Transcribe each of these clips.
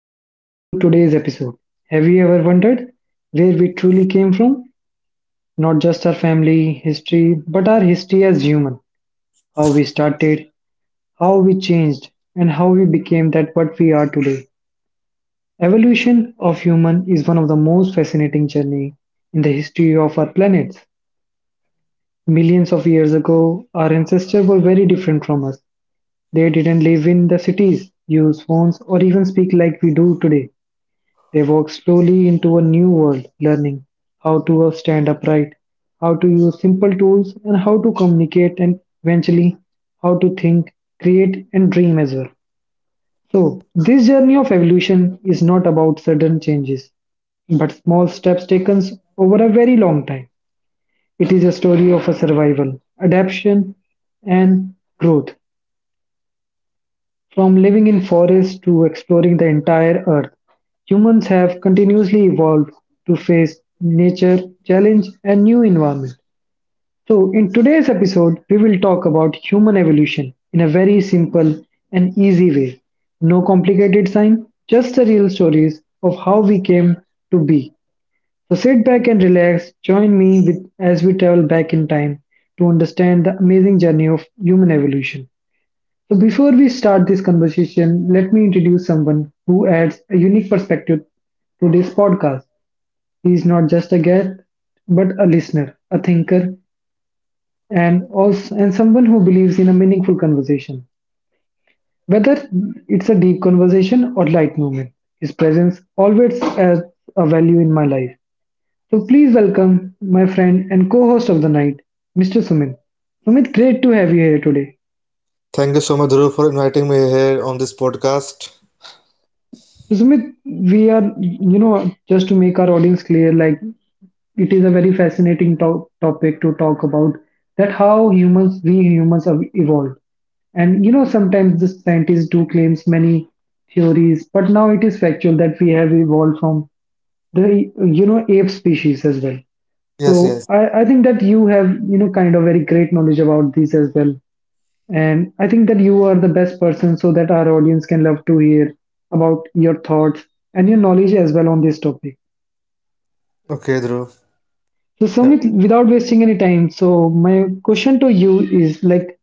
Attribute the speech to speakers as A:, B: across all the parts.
A: and welcome to today's episode. Have you ever wondered where we truly came from? Not just our family history, but our history as human. How we started, how we changed, and how we became that what we are today. Evolution of human is one of the most fascinating journey in the history of our planets. Millions of years ago, our ancestors were very different from us. They didn't live in the cities, use phones, or even speak like we do today. They walk slowly into a new world, learning how to stand upright, how to use simple tools, and how to communicate, and eventually how to think, create, and dream as well. So, this journey of evolution is not about sudden changes, but small steps taken over a very long time. It is a story of a survival, adaptation, and growth. From living in forests to exploring the entire earth, humans have continuously evolved to face nature, challenge, and new environment. So, in today's episode, we will talk about human evolution in a very simple and easy way. No complicated science, just the real stories of how we came to be. So, sit back and relax. Join me with, as we travel back in time to understand the amazing journey of human evolution. So, before we start this conversation, let me introduce someone who adds a unique perspective to this podcast. He is not just a guest, but a listener, a thinker, and also and someone who believes in a meaningful conversation. Whether it's a deep conversation or light movement, his presence always adds a value in my life. So, please welcome my friend and co-host of the night, Mr. Sumit. Sumit, great to have you here today.
B: Thank you so much, Dhruv, for inviting me here on this podcast.
A: So Sumit, we are, just to make our audience clear, like it is a very fascinating topic to talk about, that how humans, we humans have evolved. And sometimes the scientists do claims many theories, but now it is factual that we have evolved from the, ape species as well.
B: Yes, yes.
A: So I think that you have, kind of very great knowledge about this as well. And I think that you are the best person, so that our audience can love to hear about your thoughts and your knowledge as well on this topic.
B: Okay, Dhruv.
A: So,
B: Yeah.
A: Sumit, without wasting any time, so my question to you is like,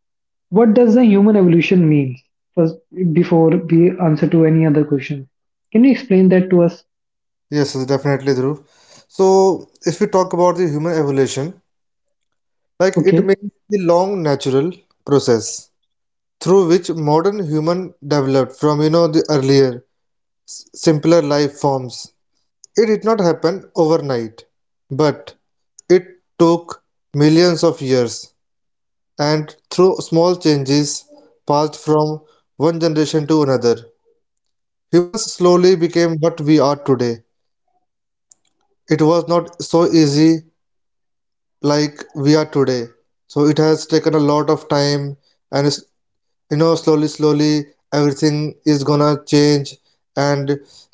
A: what does the human evolution mean? First, before we answer to any other question, can you explain that to us?
B: Yes, yes, definitely, Dhruv. So, if we talk about the human evolution, like, it
A: Okay,
B: means the long natural process through which modern human developed from the earlier, simpler life forms. It did not happen overnight, but it took millions of years, and through small changes passed from one generation to another. Humans slowly became what we are today. It was not so easy like we are today. So it has taken a lot of time, and it's slowly slowly everything is gonna change. And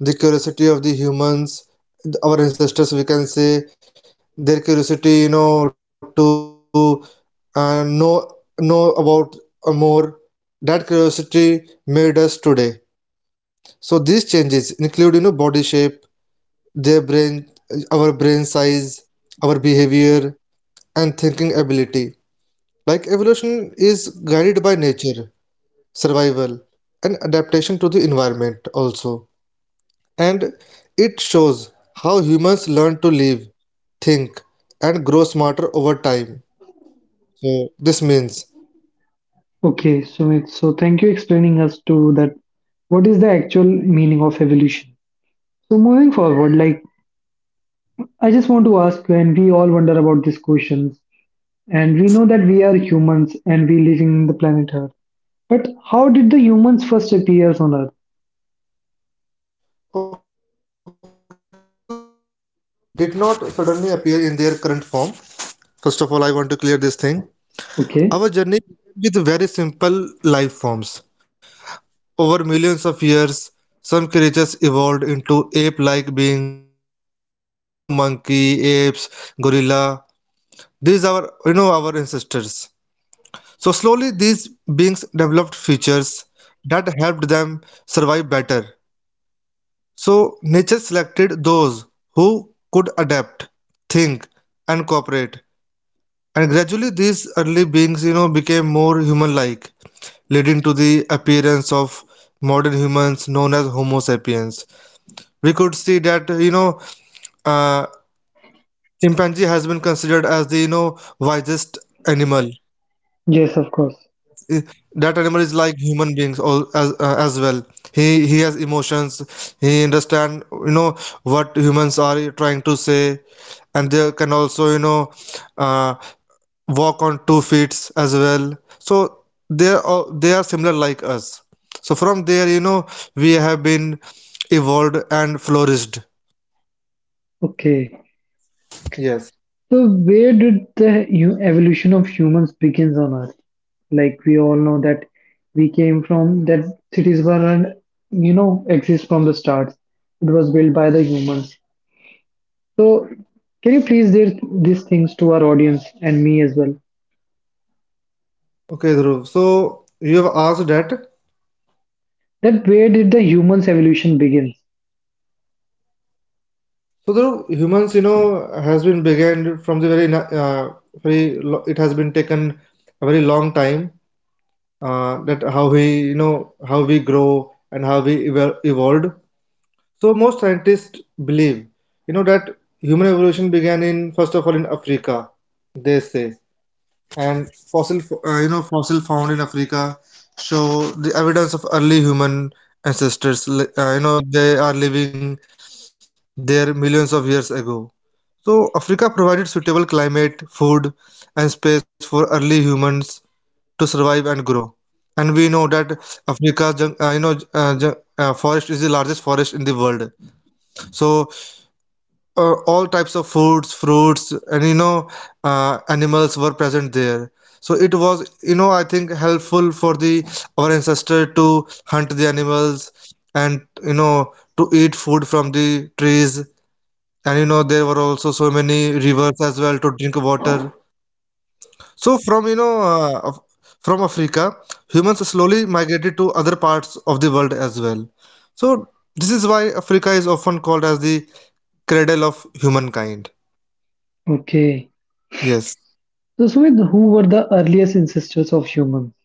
B: the curiosity of the humans, our ancestors we can say, their curiosity, you know, to uh, know know about more, that curiosity made us today. So these changes include, you know, body shape, their brain, our brain size, our behavior, and thinking ability. Like, evolution is guided by nature, survival, and adaptation to the environment also. And it shows how humans learn to live, think, and grow smarter over time. So this means.
A: okay, Sumit. So, thank you explaining us to that. What is the actual meaning of evolution? So, moving forward, like I just want to ask you, and we all wonder about these questions. And we know that we are humans and we live in the planet Earth. But how did the humans first appear on Earth?
B: Okay, so Dhruv, humans did not suddenly appear in their current form. First of all, I want to clear this thing. Our journey
A: Okay.
B: began with very simple life forms. Over millions of years, some creatures evolved into ape like beings, like monkey, apes, gorilla. These are our ancestors. So slowly these beings developed features that helped them survive better. So nature selected those who could adapt, think, and cooperate. And gradually these early beings became more human-like, leading to the appearance of modern humans known as Homo sapiens. We could see thatuh, chimpanzee has been considered as the wisest animal.
A: Yes, of course.
B: i- that animal is like human beings all as as well. He has emotions. He understand you know what humans are trying to say. And they can also uh, walk on two feet as well. So they are similar like us. So from there, you know, we have been evolved and flourished.
A: Okay.
B: Yes.
A: So where did the evolution of humans begins on Earth? Like we all know that we came from that cities were, exist from the start. It was built by the humans. So can you please share these things to our audience and me as well?
B: Okay, Dhruv, so you have asked that.
A: That where did the humans evolution begin?
B: So the humans has been began from the very, very. It has been taken a very long time, that how we how we grow and how we evolved. So most scientists believe that human evolution began in first of all in Africa. They say, and fossil found in Africa show the evidence of early human ancestors. They are living there millions of years ago. So Africa provided suitable climate, food, and space for early humans to survive and grow. And we know that Africa's forest is the largest forest in the world. So all types of foods, fruits, and animals were present there. So it was I think helpful for the our ancestor to hunt the animals, and to eat food from the trees. And there were also so many rivers as well to drink water. So from you know, of- from Africa, humans slowly migrated to other parts of the world as well. So this is why Africa is often called as the cradle of humankind.
A: Okay.
B: Yes.
A: So, Sumit, who were the earliest ancestors of humans?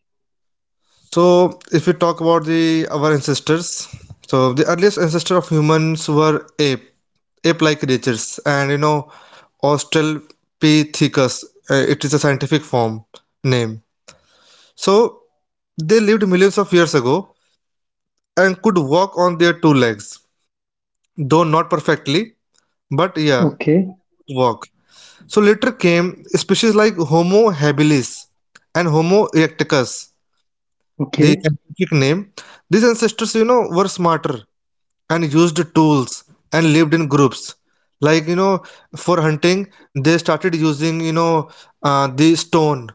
B: So if we talk about the our ancestors, so the earliest ancestor of humans were ape, ape-like creatures, and Australopithecus. It is a scientific form name. So they lived millions of years ago and could walk on their two legs, though not perfectly, but yeah,
A: Okay,
B: walk. So later came species like Homo habilis and Homo erecticus, the
A: okay,
B: scientific name. These ancestors were smarter and used tools and lived in groups, like for hunting, they started using the stone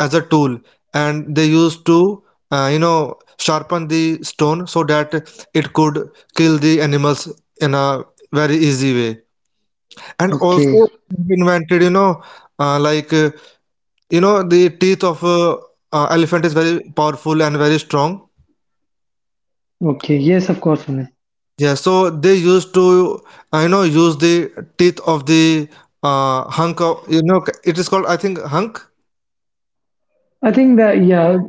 B: as a tool. And they used to uh, you know sharpen the stone so that it could kill the animals in a very easy way. And
A: okay,
B: also, we invented uh, like uh, the teeth of elephant is very powerful and very strong.
A: okay. Yes, of course, Sumit.
B: Yeah, so they used to, I know, use the teeth of the hunk of it is called, I think, hunk.
A: I think that, yeah,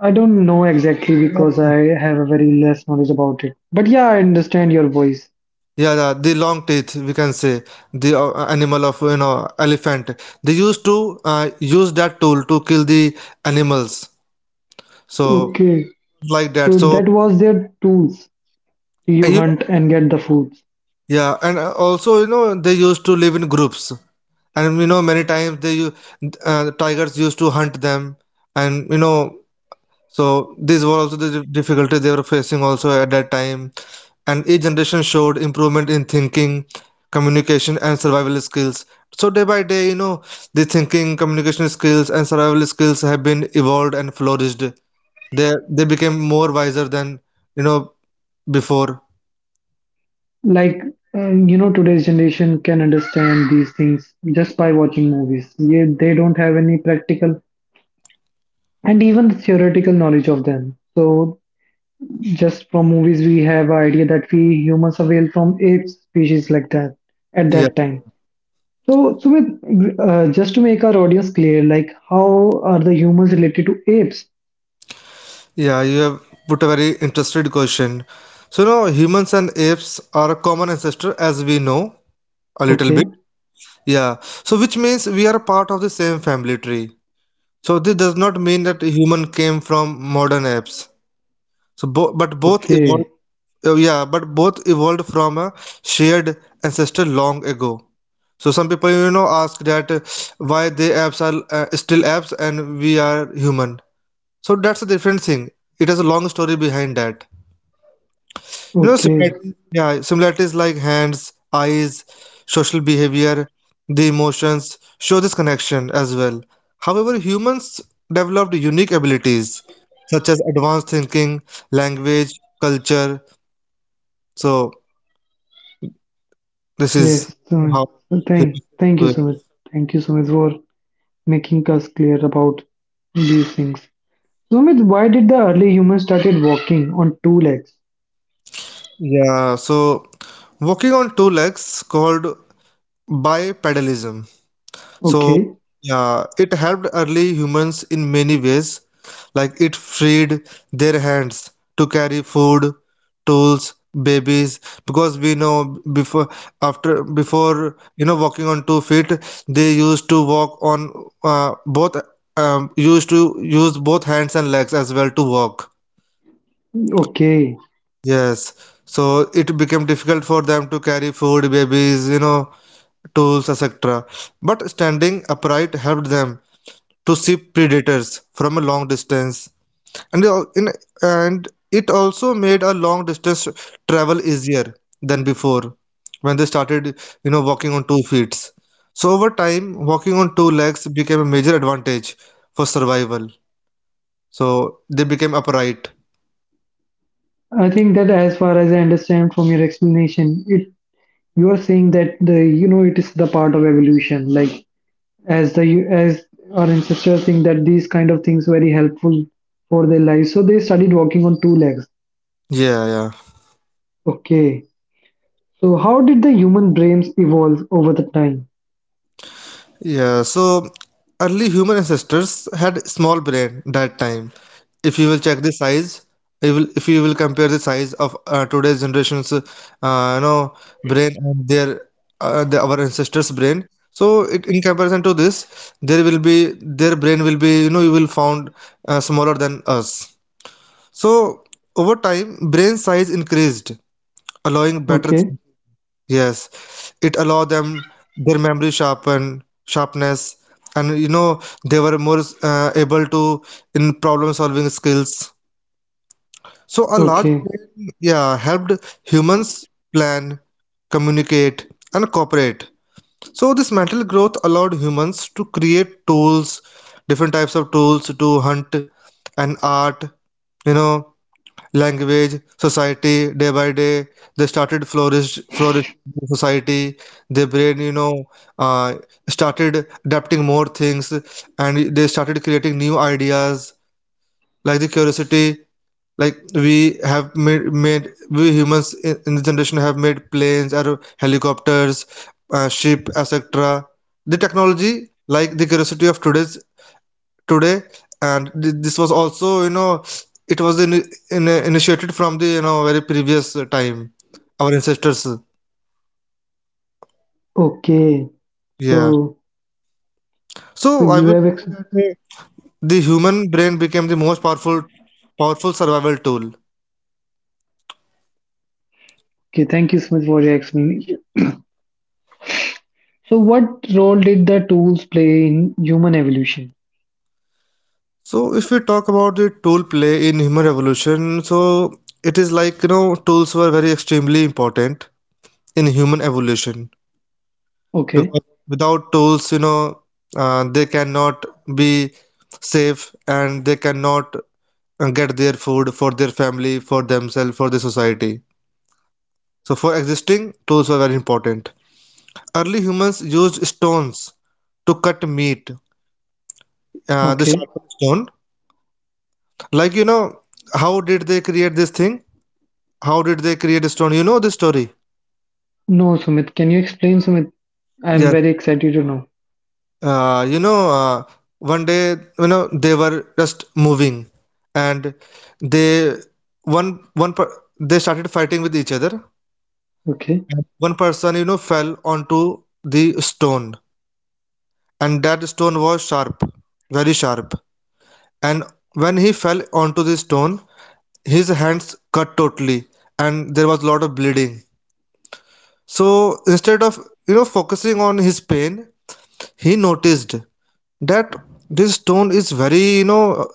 A: I don't know exactly
B: Long
A: because
B: teeth.
A: I have a very less knowledge about it. But yeah, I understand your voice.
B: Yeah, yeah, the long teeth, we can say, the animal of elephant. They used to use that tool to kill the animals. So,
A: Okay,
B: like that.
A: so
B: So,
A: that was their tools.
B: uh,
A: You
B: you know,
A: hunt and get the foods.
B: yeah, and also they used to live in groups. And many times they, tigers used to hunt them. And so these were also the difficulties they were facing also at that time. And each generation showed improvement in thinking, communication, and survival skills. So day by day the thinking, communication skills, and survival skills have been evolved and flourished. They became more wiser than you know before.
A: Like, today's generation can understand these things just by watching movies. Yeah, they don't have any practical and even theoretical knowledge of them. So just from movies we have idea that we humans are veiled from ape species like that at
B: Yeah,
A: that time. So Sumit, just to make our audience clear, like how are the humans related to apes?
B: yeah. You have put a very interested question. So now humans and apes are a common ancestor, as we know, a little
A: Okay,
B: bit. Yeah. So which means we are part of the same family tree. So this does not mean that human came from modern apes. So but both evolved
A: okay,
B: yeah, but both evolved from a shared ancestor long ago. So some people ask that why the apes are still apes and we are human. So that's a different thing. It has a long story behind that.
A: okay.
B: Similarities, yeah, similarities like hands, eyes, social behavior, the emotions show this connection as well. However, humans developed unique abilities such as advanced thinking, language, culture. So this
A: Yes,
B: is
A: Sumit.
B: how
A: thank
B: humans
A: thank
B: do
A: you
B: it.
A: Sumit. Thank you Sumit for making us clear about these things. Sumit, why did the early humans started walking on two legs?
B: Yeah, so walking on two legs called bipedalism. So,
A: Okay,
B: yeah, it helped early humans in many ways. Like, it freed their hands to carry food, tools, babies, because we know before, after, before walking on two feet, they used to walk on both, used to use both hands and legs as well to walk.
A: okay.
B: Yes. So it became difficult for them to carry food, babies tools, etc. But standing upright helped them to ship predators from a long distance, and in, and it also made a long distance travel easier than before, when they started walking on two feet. So over time, walking on two legs became a major advantage for survival. So they became upright.
A: I think that, as far as I understand from your explanation, it you are saying that the it is the part of evolution, like as the as our ancestors think that these kind of things very helpful for their lives, so they started walking on two legs.
B: Yeah, yeah.
A: Okay. So how did the human brains evolve over the time?
B: Yeah, so early human ancestors had small brain that time. If you will check the size, if you will compare the size of today's generation's know brain and their our ancestors' brain. So it, in comparison to this, there will be their brain will be you will found smaller than us. So over time, brain size increased, allowing better.
A: Okay,
B: Yes, it allowed them their memory sharpen sharpness, and they were more able to in problem solving skills. So a large
A: okay,
B: brain, yeah, helped humans plan, communicate, and cooperate. So this mental growth allowed humans to create tools, different types of tools to hunt, and art, you know, language, society. Day by day they started flourish in society. Their brain uh, started adapting more things, and they started creating new ideas, like the curiosity. Like we have made, we humans in this generation have made planes or helicopters, ship, etc. The technology, like the curiosity of today's today. And this was also it was initiated from the very previous time, our ancestors.
A: okay.
B: Yeah.
A: so
B: So
A: so
B: I
A: you
B: would
A: have
B: say
A: ex-
B: that the human brain became the most powerful survival tool.
A: okay. Thank you so much for your explanation. So what role did the tools play in human evolution?
B: So if we talk about the tool play in human evolution, so it is like tools were very extremely important in human evolution.
A: Okay,
B: Because without tools they cannot be safe, and they cannot and get their food for their family, for themselves, for the society. So, for existing, tools were very important. Early humans used stones to cut meat, the
A: okay.
B: sharpened stone. Like how did they create this thing? How did they create a stone? You know the story.
A: No Sumit, can you explain Sumit? I'm very
B: Yes.
A: excited to know.
B: Uh, you know, uh, One day they were just moving, and they, one, one, per, they started fighting with each other.
A: Okay,
B: One person fell onto the stone. And that stone was sharp, very sharp. And when he fell onto the stone, his hands cut totally, and there was a lot of bleeding. So instead of focusing on his pain, he noticed that this stone is very,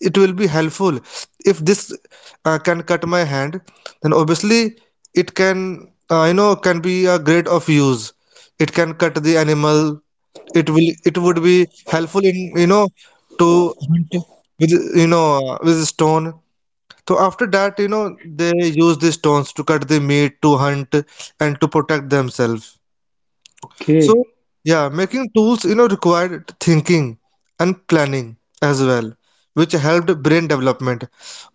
B: it will be helpful if this can cut my hand, then obviously it can can be a great of use. It can cut the animal, it would be helpful in to hunt with with stone. So after that, they use these stones to cut the meat, to hunt, and to protect themselves.
A: okay,
B: So, yeah, making tools, you know, required thinking and planning as well, which helped brain development.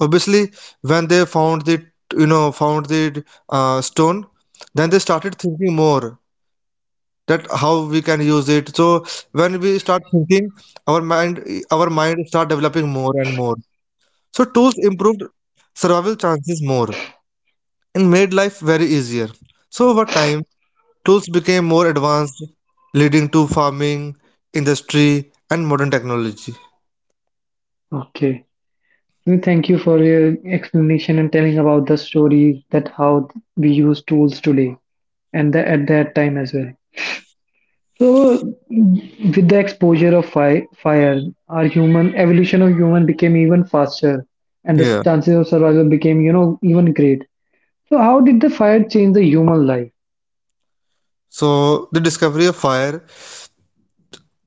B: Obviously, when they found the stone, then they started thinking more that how we can use it. So when we start thinking, our mind, our mind start developing more and more. So tools improved survival chances more and made life very easier. So over time, tools became more advanced, leading to farming, industry, and modern technology.
A: okay. Well, thank you for your explanation and telling about the story that how we use tools today and the, at that time as well. So, with the exposure of fi fire, our human evolution of human became even faster, and the
B: Yeah.
A: chances of survival became, even great. So, how did the fire change the human life?
B: So, the discovery of fire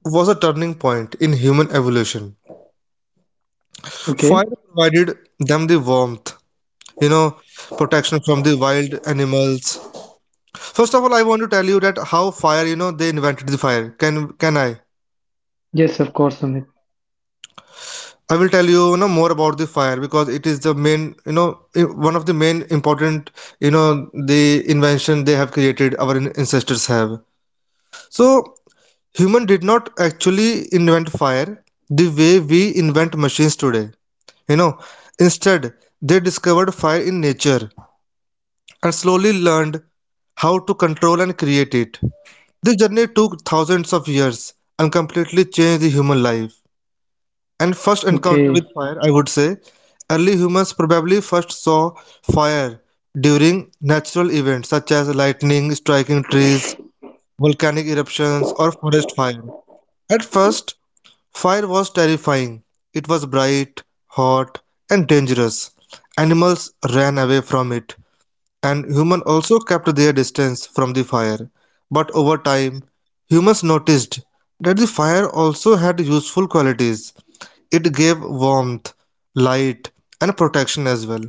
B: was a turning point in human evolution.
A: Okay.
B: Fire provided them the warmth, you know, protection from the wild animals. First of all, I want to tell you that how fire, you know, they invented the fire. Can I?
A: Yes, of course, Amit.
B: I will tell you, you know, more about the fire because it is the main, you know, one of the main important, you know, the invention they have created. Our ancestors have. So, human did not actually invent fire the way we invent machines today. You know, instead they discovered fire in nature and slowly learned how to control and create it. This journey took thousands of years and completely changed the human life. And first encounter with
A: Okay,
B: fire, I would say, early humans probably first saw fire during natural events such as lightning striking trees, volcanic eruptions, or forest fire. At first, fire was terrifying. It was bright, hot, and dangerous. Animals ran away from it, and humans also kept their distance from the fire. But over time, humans noticed that the fire also had useful qualities. It gave warmth, light, and protection as well.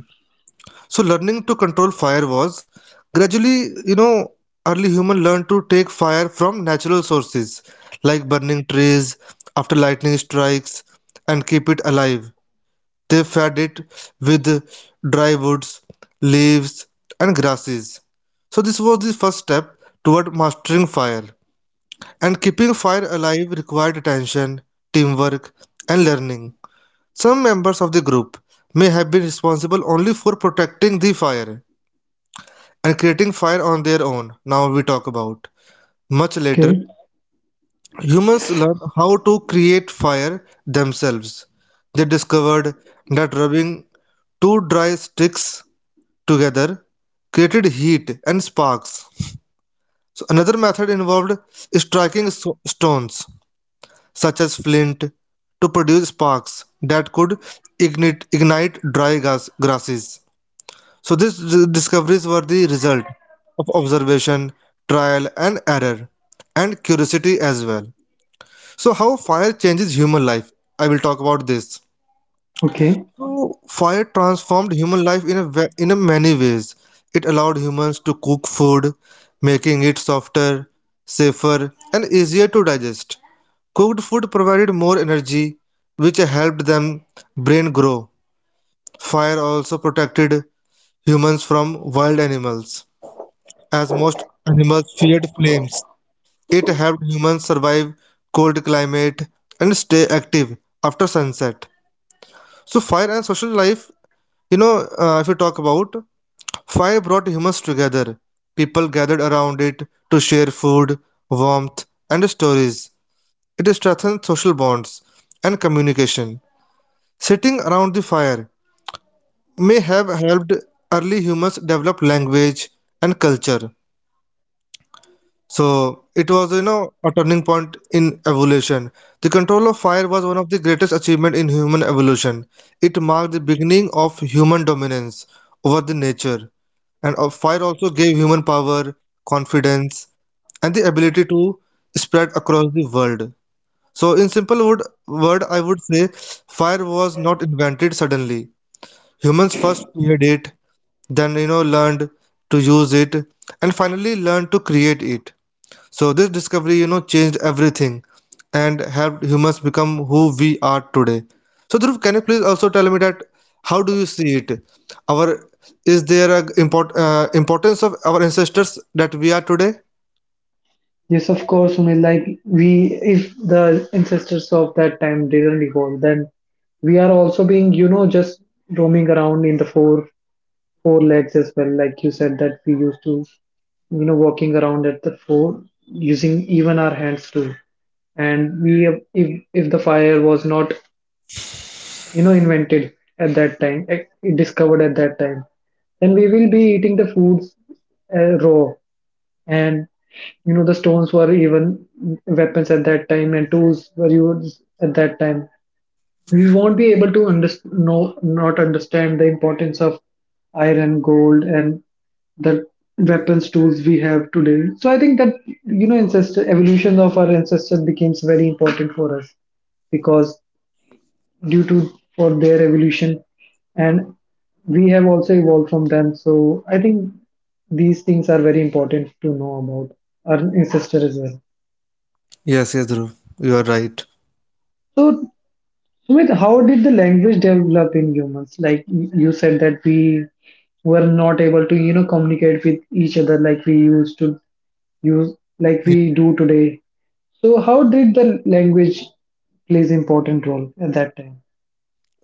B: So learning to control fire was gradually, you know, early human learned to take fire from natural sources like burning trees after lightning strikes and keep it alive. They fed it with dry woods, leaves, and grasses. So this was the first step toward mastering fire. And keeping fire alive required attention, teamwork, and learning. Some members of the group may have been responsible only for protecting the fire and creating fire on their own. Now we talk about. Much later,
A: okay,
B: humans learned how to create fire themselves. They discovered that rubbing two dry sticks together created heat and sparks. So another method involved striking stones such as flint to produce sparks that could ignite dry gas, grasses. So these discoveries were the result of observation, trial and error, and curiosity as well. So how fire changes human life? I will talk about this.
A: okay.
B: So fire transformed human life in in a many ways. It allowed humans to cook food, making it softer, safer, and easier to digest. Cooked food provided more energy, which helped them brain grow. Fire also protected humans from wild animals. As most animals feared flames, it helped humans survive cold climate and stay active after sunset. So fire and social life, if you talk about fire brought humans together. People gathered around it to share food, warmth, and stories. It strengthened social bonds and communication. Sitting around the fire may have helped early humans develop language and culture. So it was, you know, a turning point in evolution. The control of fire was one of the greatest achievements in human evolution. It marked the beginning of human dominance over the nature. And fire also gave human power, confidence, and the ability to spread across the world. So in simple word I would say fire was not invented suddenly. Humans first feared it, then you know learned to use it, and finally learned to create it. So this discovery, you know, changed everything and helped humans become who we are today. So Dhruv, can you please also tell me that how do you see it? Our is there a import, importance of our ancestors that we are today?
A: Yes, of course, Sumit. Like we, if the ancestors of that time didn't evolve, then we are also being, just roaming around in the four legs as well. Like you said that we used to, walking around at the four using even our hands too. And we, if the fire was not, invented at that time, discovered at that time, then we will be eating the foods raw, and the stones were even weapons at that time, and tools were used at that time. We won't be able to no, not understand the importance of iron, gold, and the weapons tools we have today. So I think that ancestor evolution of our ancestors becomes very important for us, because due to for their evolution, and we have also evolved from them. So I think these things are very important to know about our ancestors as well.
B: Yes, yes, Dhruv, you are right.
A: So Sumit, how did the language develop in humans? Like you said that we were not able to communicate with each other, like we used to use like
B: Yeah.
A: we do today. So how did the language plays important role at that time?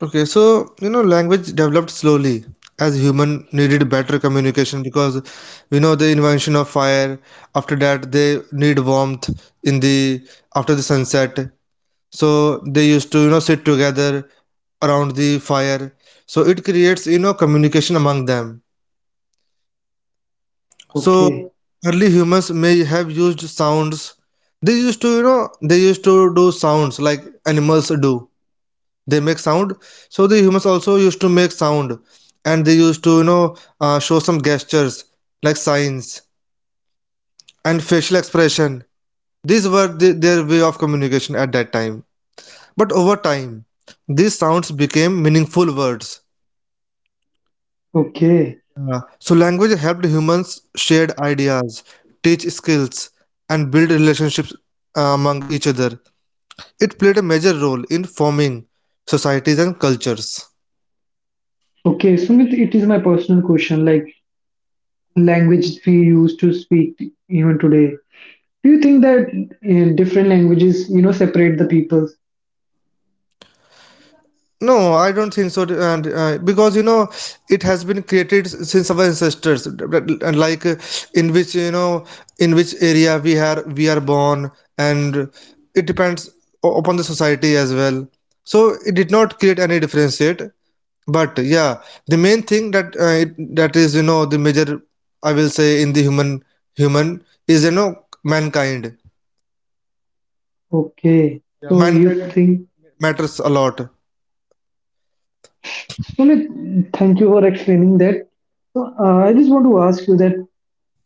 B: Okay, so you know, language developed slowly as human needed better communication because we know the invention of fire. After that, they need warmth in the after the sunset. So they used to you know sit together around the fire, so it creates you know communication among them. So
A: Okay,
B: early humans may have used sounds. They used to do sounds like animals do. They make sound. So the humans also used to make sound, and they used to show some gestures like signs and facial expression. These were their way of communication at that time. But over time, these sounds became meaningful words.
A: okay.
B: So language helped humans share ideas, teach skills, and build relationships among each other. It played a major role in forming societies and cultures.
A: Okay, Sumit, it is my personal question. Like language we used to speak even today. Do you think that different languages, separate the peoples?
B: No, I don't think so. And because you know, it has been created since our ancestors, and like in which you know, in which area we are born, and it depends upon the society as well. So it did not create any differentiate. But yeah, the main thing that that is you know the major I will say in the human is you know mankind.
A: Okay,
B: Yeah,
A: so you
B: mankind
A: think,
B: matters a lot.
A: Sumit? Thank you for explaining that. So, I just want to ask you that,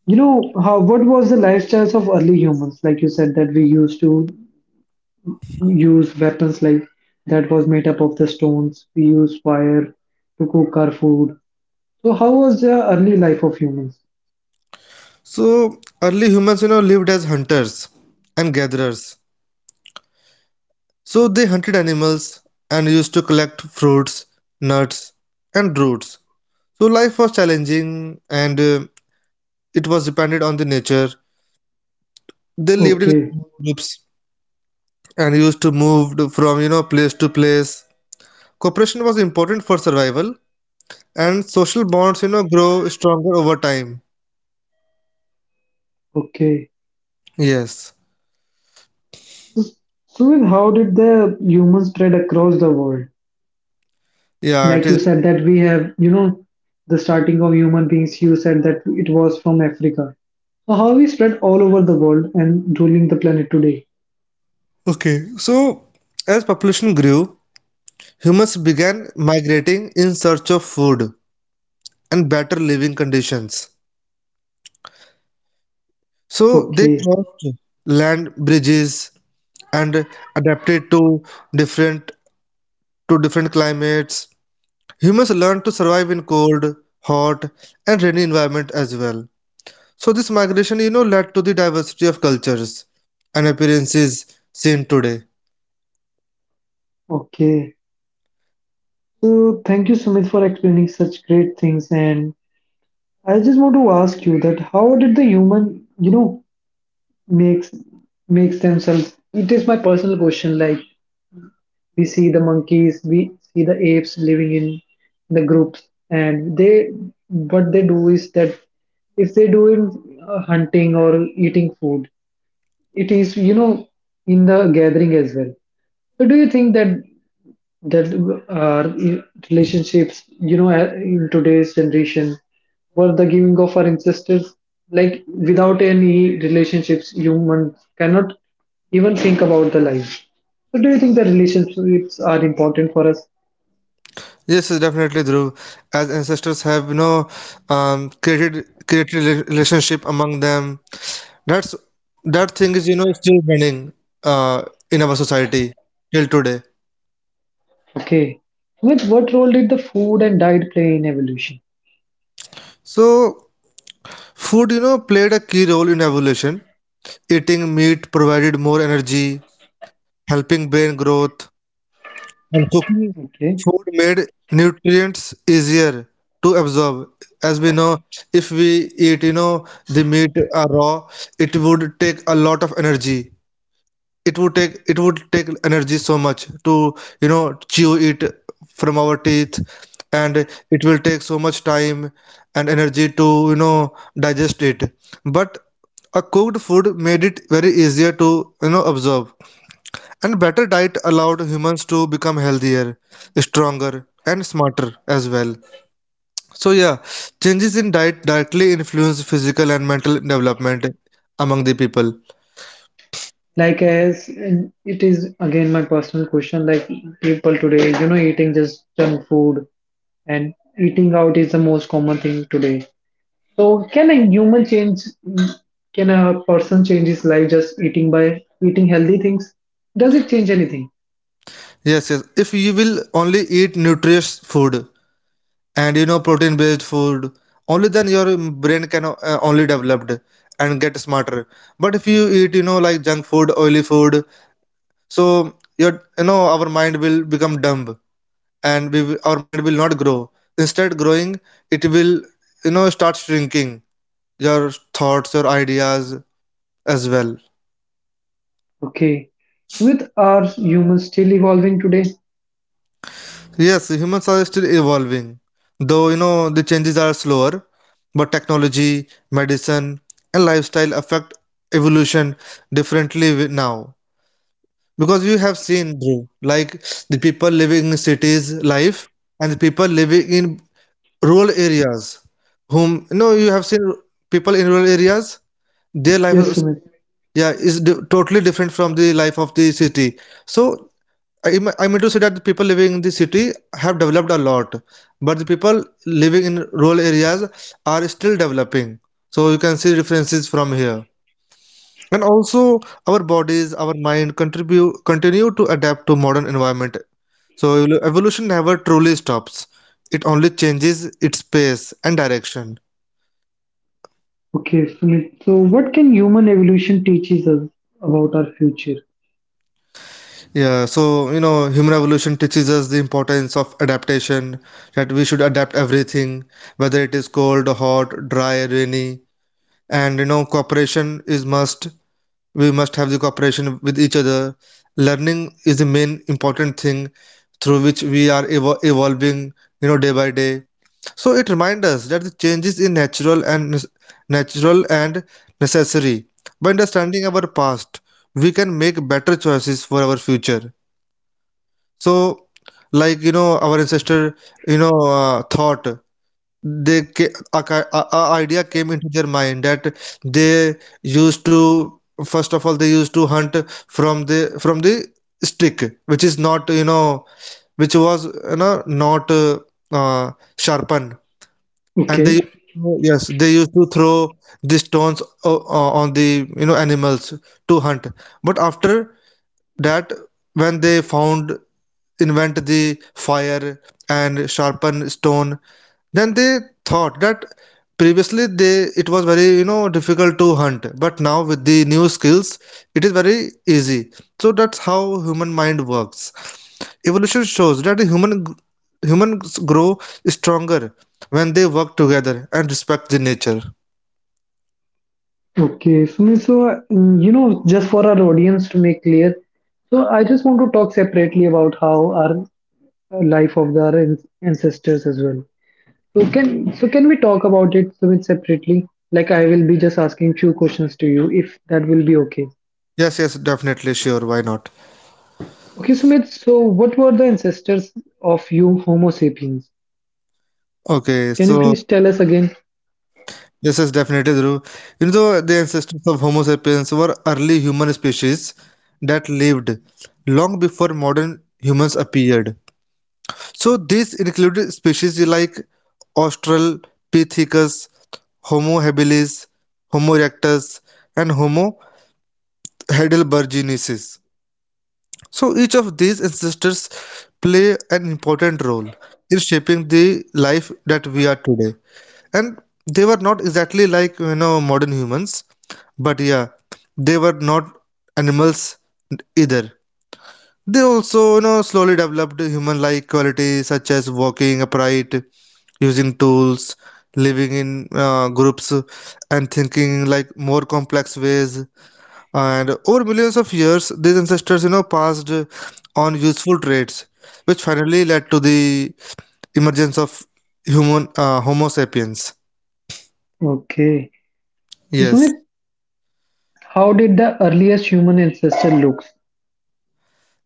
A: how what was the lifestyles of early humans? Like you said that we used to use weapons like that was made up of the stones. We use fire to cook our food. So, how was the early life of humans?
B: So early humans you know lived as hunters and gatherers. So they hunted animals and used to collect fruits, nuts, and roots. So life was challenging and it was dependent on the nature. They lived in
A: Okay,
B: small groups and used to from you know place to place. Cooperation was important for survival, and social bonds, you know, grow stronger over time.
A: okay.
B: Yes.
A: S- So, then how did the humans spread across the world?
B: Yeah, it
A: Like you
B: is.
A: said that we have, the starting of human beings, you said that it was from Africa. So how we spread all over the world and ruling the planet today?
B: Okay. So, as population grew, humans began migrating in search of food and better living conditions. So, they
A: Okay,
B: crossed land bridges and adapted different to different climates. Humans learned to survive in cold, hot, and rainy environment as well. So this migration, you know, led to the diversity of cultures and appearances seen today.
A: okay. So thank you, Sumit, for explaining such great things. And I just want to ask you that, how did the human, makes makes themselves? It is my personal question. Like, we see the monkeys, we see the apes living in the groups, and they what they do is that, if they do in hunting or eating food, it is in the gathering as well. So do you think that our relationships, in today's generation, were the giving of our ancestors. Like without any relationships, humans cannot even think about the life. So, do you think the relationships are important for us?
B: Yes, yes, definitely, Dhruv. As ancestors have, you know, created relationship among them. That's that thing is, you know, still running uh, in our society till today.
A: Okay. With what role did the food and diet play in evolution?
B: So food, you know, played a key role in evolution. Eating meat provided more energy, helping brain growth, and cooking
A: Okay.
B: food made nutrients easier to absorb. As we know, if we eat, you know, the meat raw, it would take a lot of energy. It would take energy so much to, you know, chew it from our teeth, and it will take so much time and energy to, you know, digest it. But a cooked food made it very easier to, you know, absorb. And better diet allowed humans to become healthier, stronger, and smarter as well. So, yeah, changes in diet directly influence physical and mental development among the people.
A: Like as and it is again my personal question. Like people today, eating just junk food and eating out is the most common thing today. So, can a human change? Can a person change his life just eating by eating healthy things? Does it change anything?
B: Yes, yes. If you will only eat nutritious food and you know protein based food, only then your brain can only developed and get smarter. But if you eat, you know, like junk food, oily food, so your you know our mind will become dumb and our mind will not grow. Instead, growing, it will, you know, start shrinking your thoughts, your ideas as well.
A: Okay. Sumit, are humans still evolving today?
B: Yes, humans are still evolving, though, you know, the changes are slower, but technology, medicine, and lifestyle affect evolution differently now. Because you have seen, Dhruv, like the people living in cities life and the people living in rural areas, whom, you know, you have seen people in rural areas their life
A: Yes,
B: is
A: Sumit.
B: yeah is totally different from the life of the city. So I mean to say that the people living in the city have developed a lot, but the people living in rural areas are still developing, so you can see differences from here. And also our bodies our mind contribute continue to adapt to modern environment. So evolution never truly stops. It only changes its pace and direction.
A: Okay, Sumit. So, what can human evolution teaches us about our future?
B: Yeah, so you know, human evolution teaches us the importance of adaptation, that we should adapt everything, whether it is cold, hot, dry, rainy. And you know, cooperation is must. We must have the cooperation with each other. Learning is the main important thing through which we are evolving, you know, day by day. So it reminds us that the changes in natural and natural and necessary. By understanding our past, we can make better choices for our future. So, our ancestor, thought they ca- a, ki- a idea came into their mind that they used to, first of all, they used to hunt from the stick, which is not, which was, not uh, sharpened, and they
A: Okay.
B: used to, yes, they used to throw the stones on the, animals to hunt. But after that, when they found, invent the fire and sharpen stone, then they thought that previously they it was very, difficult to hunt, but now with the new skills it is very easy. So that's how human mind works. Evolution shows that the human humans grow stronger when they work together and respect the nature.
A: Okay, Sumit. So, just for our audience to make clear, so I just want to talk separately about how our life of our ancestors as well. So can we talk about it Sumit separately? Like I will be just asking few questions to you if that will be okay.
B: Yes, yes, definitely, sure, why not.
A: Okay, Sumit, so what were the ancestors of you Homo sapiens?
B: Okay,
A: Can
B: so
A: you please tell us again?
B: yes, yes, definitely true. You know, the ancestors of Homo sapiens were early human species that lived long before modern humans appeared. So these included species like Australopithecus, Homo habilis, Homo erectus, and Homo heidelbergensis. So each of these ancestors play an important role in shaping the life that we are today. And they were not exactly like, modern humans. But yeah, they were not animals either. They also, you know, slowly developed human-like qualities such as walking upright, using tools, living in groups, and thinking like more complex ways. And over millions of years, these ancestors, you know, passed on useful traits, which finally led to the emergence of human Homo sapiens.
A: Okay. So
B: Yes.
A: Sumit, how did the earliest human ancestor look?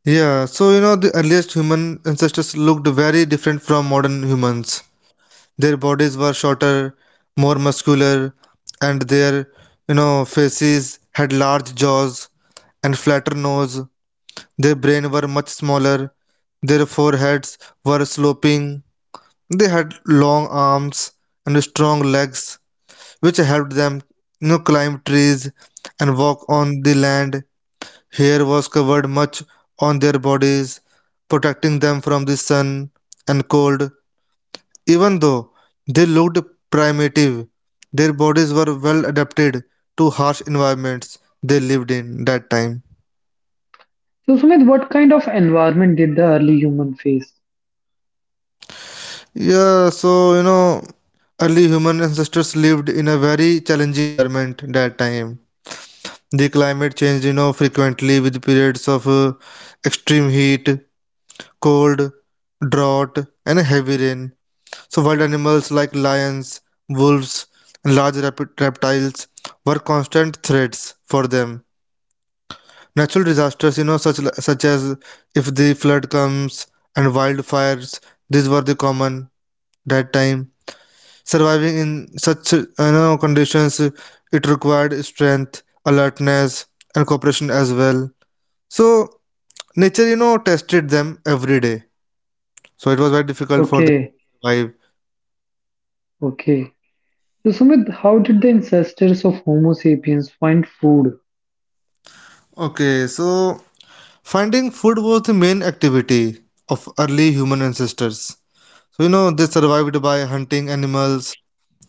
B: Yeah, so you know, the earliest human ancestors looked very different from modern humans. Their bodies were shorter, more muscular, and their, you know, faces had large jaws and flatter nose. Their brain were much smaller. Their foreheads were sloping. They had long arms and strong legs, which helped them, you know, climb trees and walk on the land. Hair was covered much on their bodies, protecting them from the sun and cold. Even though they looked primitive, their bodies were well adapted to harsh environments they lived in that time.
A: So Sumit, what kind of environment did the early human face?
B: Yeah, so you know, early human ancestors lived in a very challenging environment that time. The climate changed, you know, frequently with periods of extreme heat, cold, drought, and heavy rain. So, wild animals like lions, wolves, and large reptiles were constant threats for them. Natural disasters, you know, such as if the flood comes and wildfires, these were the common that time. Surviving in such, conditions, it required strength, alertness, and cooperation as well. So nature, you know, tested them every day. So it was very difficult for them
A: Okay,
B: to survive.
A: okay. So Sumit, how did the ancestors of Homo sapiens find food?
B: Okay, so finding food was the main activity of early human ancestors. So, you know, they survived by hunting animals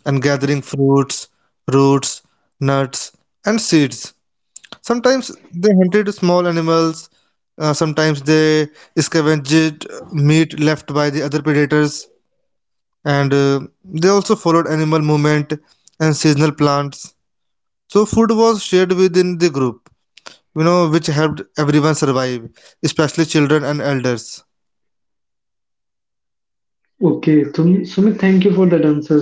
B: and gathering fruits, roots, nuts, and seeds. Sometimes they hunted small animals, sometimes they scavenged meat left by the other predators, and they also followed animal movement and seasonal plants. So, food was shared within the group, you know, which helped everyone survive, especially children and elders.
A: Okay, Sumit, thank you for that answer.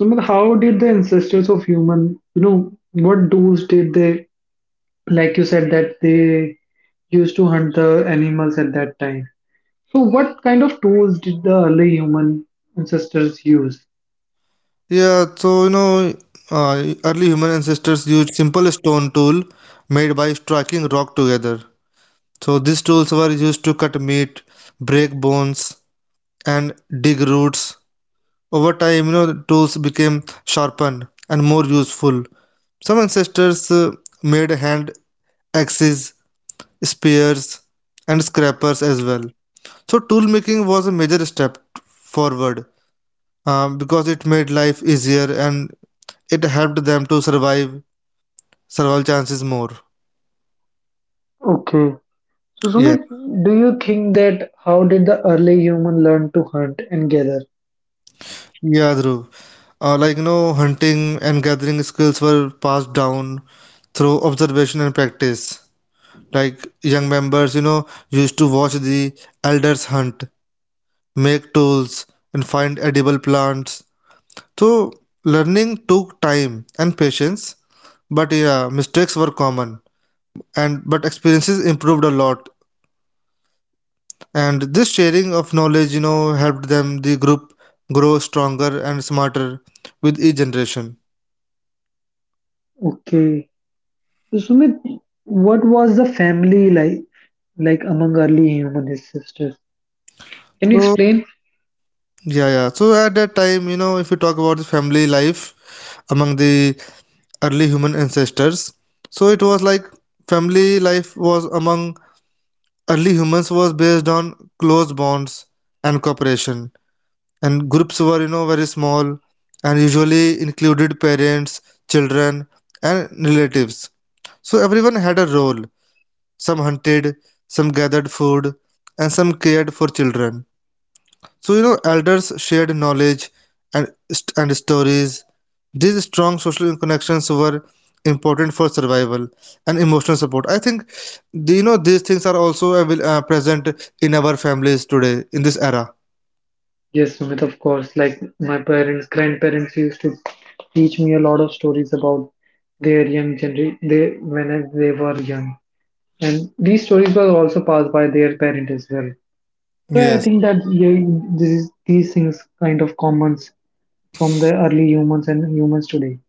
A: Sumit, how did the ancestors of human, you know, what tools did they, like you said, that they used to hunt the animals at that time? So, what kind of tools did the early human ancestors use?
B: Yeah, so early human ancestors used simple stone tool made by striking rock together. So these tools were used to cut meat, break bones, and dig roots. Over time, you know, the tools became sharpened and more useful. Some ancestors made hand axes, spears, and scrapers as well. So tool making was a major step forward, because it made life easier and it helped them to survive survival chances more.
A: Okay. So,
B: Yeah,
A: Sumit, do you think that how did the early human learn to hunt and gather?
B: yeah, Dhruv. Like, you know, hunting and gathering skills were passed down through observation and practice. Like young members, you know, used to watch the elders hunt, make tools, and find edible plants. So learning took time and patience, but yeah, mistakes were common, and but experiences improved a lot, and this sharing of knowledge, you know, helped them the group grow stronger and smarter with each generation.
A: Okay. So, Sumit, what was the family like among early human ancestors? Can you
B: So
A: explain?
B: yeah, yeah, so at that time, you know, if you talk about the family life among the early human ancestors, so it was like family life was among early humans was based on close bonds and cooperation, and groups were, you know, very small and usually included parents, children, and relatives. So everyone had a role. Some hunted, some gathered food, and some cared for children. So, you know, elders shared knowledge and, and stories. These strong social connections were important for survival and emotional support. I think, these things are also present in our families today, in this era.
A: Yes, Sumit, of course. Like my parents, grandparents used to teach me a lot of stories about their young gener they when they were young, and these stories were also passed by their parent as well. So I
B: Yes,
A: think that yeah, this is, these things kind of commons from the early humans and humans today.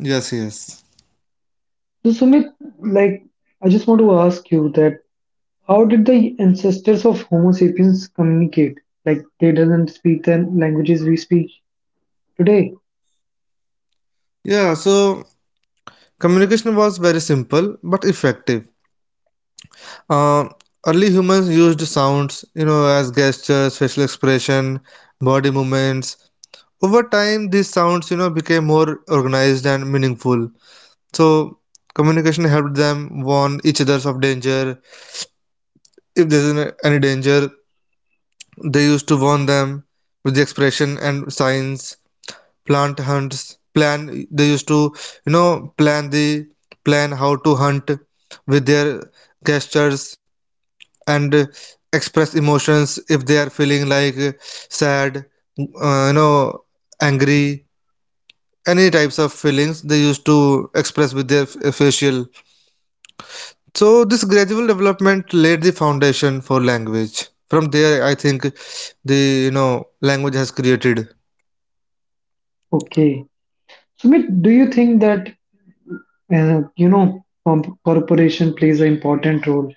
B: yes, yes.
A: So Sumit, like I just want to ask you that how did the ancestors of Homo sapiens communicate? Like they doesn't speak the languages we speak today.
B: Yeah, so communication was very simple but effective. Uh, Early humans used sounds, you know, as gestures, facial expression, body movements. Over time, these sounds, you know, became more organized and meaningful. So, communication helped them warn each other of danger. If there's any danger, they used to warn them with the expression and signs. Plant hunts, plan. They used to, you know, plan the plan how to hunt with their gestures and express emotions if they are feeling like sad, uh, you know angry, any types of feelings they used to express with their facial. So this gradual development laid the foundation for language. From there I think the, you know, language has created.
A: Okay. Sumit, do you think that you know corporation plays an important role?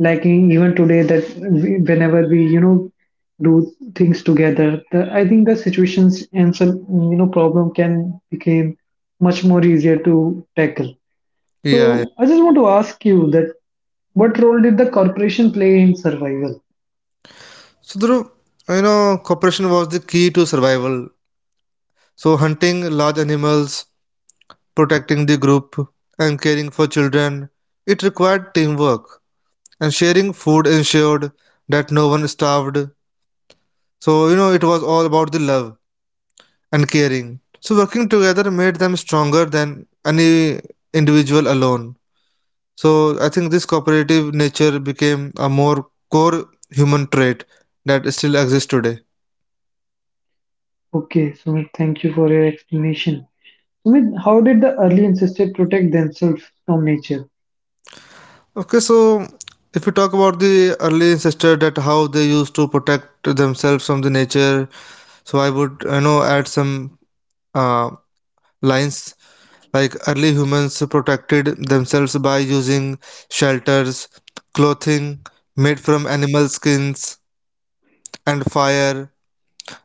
A: Like in, even today, that we, whenever we you know do things together, the, I think the situations and some you know problem can become much more easier to tackle.
B: Yeah, yeah.
A: So I just want to ask you that what role did the corporation play in survival?
B: So Dhruv, you know, cooperation was the key to survival. So hunting large animals, protecting the group, and caring for children, it required teamwork, and sharing food ensured that no one starved. So, you know, it was all about the love and caring. So, working together made them stronger than any individual alone. So, I think this cooperative nature became a more core human trait that still exists today.
A: Okay, Sumit, thank you for your explanation. Sumit, how did the early ancestors protect themselves from nature?
B: Okay, so if we talk about the early ancestors, that how they used to protect themselves from the nature, so I would, you know, add some uh, lines. Like early humans protected themselves by using shelters, clothing made from animal skins, and fire.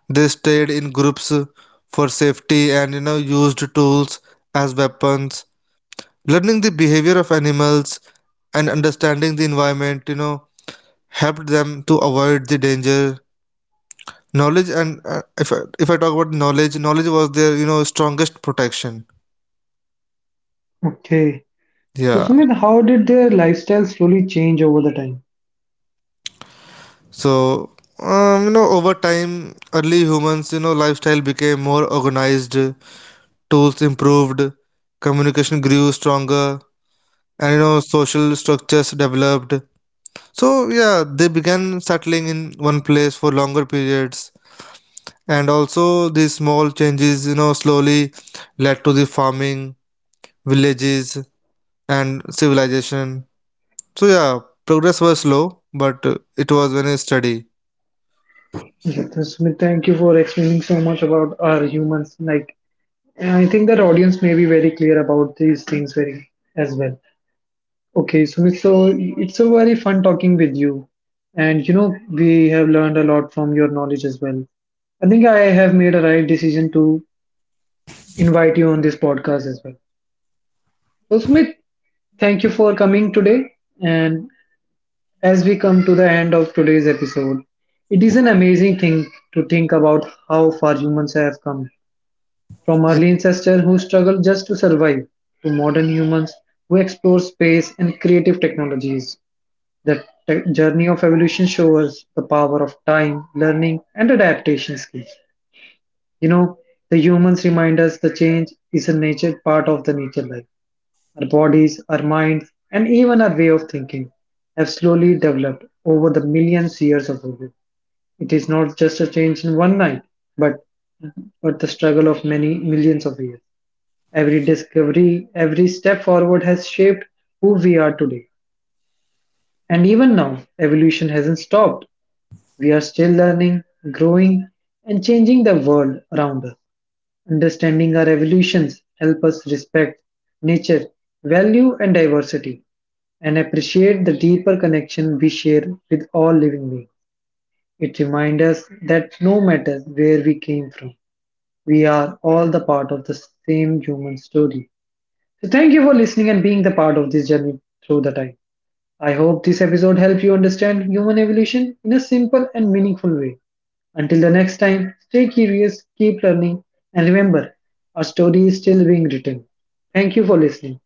B: They stayed in groups for safety, and you know, used tools as weapons. Learning the behavior of animals and understanding the environment, you know, helped them to avoid the danger. Knowledge and, if I talk about knowledge, knowledge was their, you know, strongest protection.
A: Okay. So,
B: Yeah.
A: Sumit, how did their lifestyle slowly change over the time?
B: So, you know, over time, early humans, you know, lifestyle became more organized, tools improved, communication grew stronger, and you know, social structures developed. So, yeah, they began settling in one place for longer periods. And also, these small changes, you know, slowly led to the farming, villages, and civilization. So, yeah, progress was slow, but it was very steady.
A: Yeah, Smith, thank you for explaining so much about our humans. Like, and I think that audience may be very clear about these things very as well. Okay, Sumit, so it's a very fun talking with you, and you know we have learned a lot from your knowledge as well. I think I have made a right decision to invite you on this podcast as well. So, Sumit, thank you for coming today, and as we come to the end of today's episode, it is an amazing thing to think about how far humans have come. From early ancestors who struggled just to survive, to modern humans who explore space and creative technologies. The journey of evolution shows us the power of time, learning, and adaptation skills. You know, the humans remind us the change is a nature part of the nature life. Our bodies, our minds, and even our way of thinking have slowly developed over the millions years of evolution. It is not just a change in one night, but, but the struggle of many millions of years. Every discovery, every step forward has shaped who we are today. And even now, evolution hasn't stopped. We are still learning, growing, and changing the world around us. Understanding our evolutions help us respect nature, value, and diversity and appreciate the deeper connection we share with all living beings. It reminds us that no matter where we came from, we are all the part of the same human story. So, thank you for listening and being the part of this journey through the time. I hope this episode helped you understand human evolution in a simple and meaningful way. Until the next time, stay curious, keep learning, and remember, our story is still being written. Thank you for listening.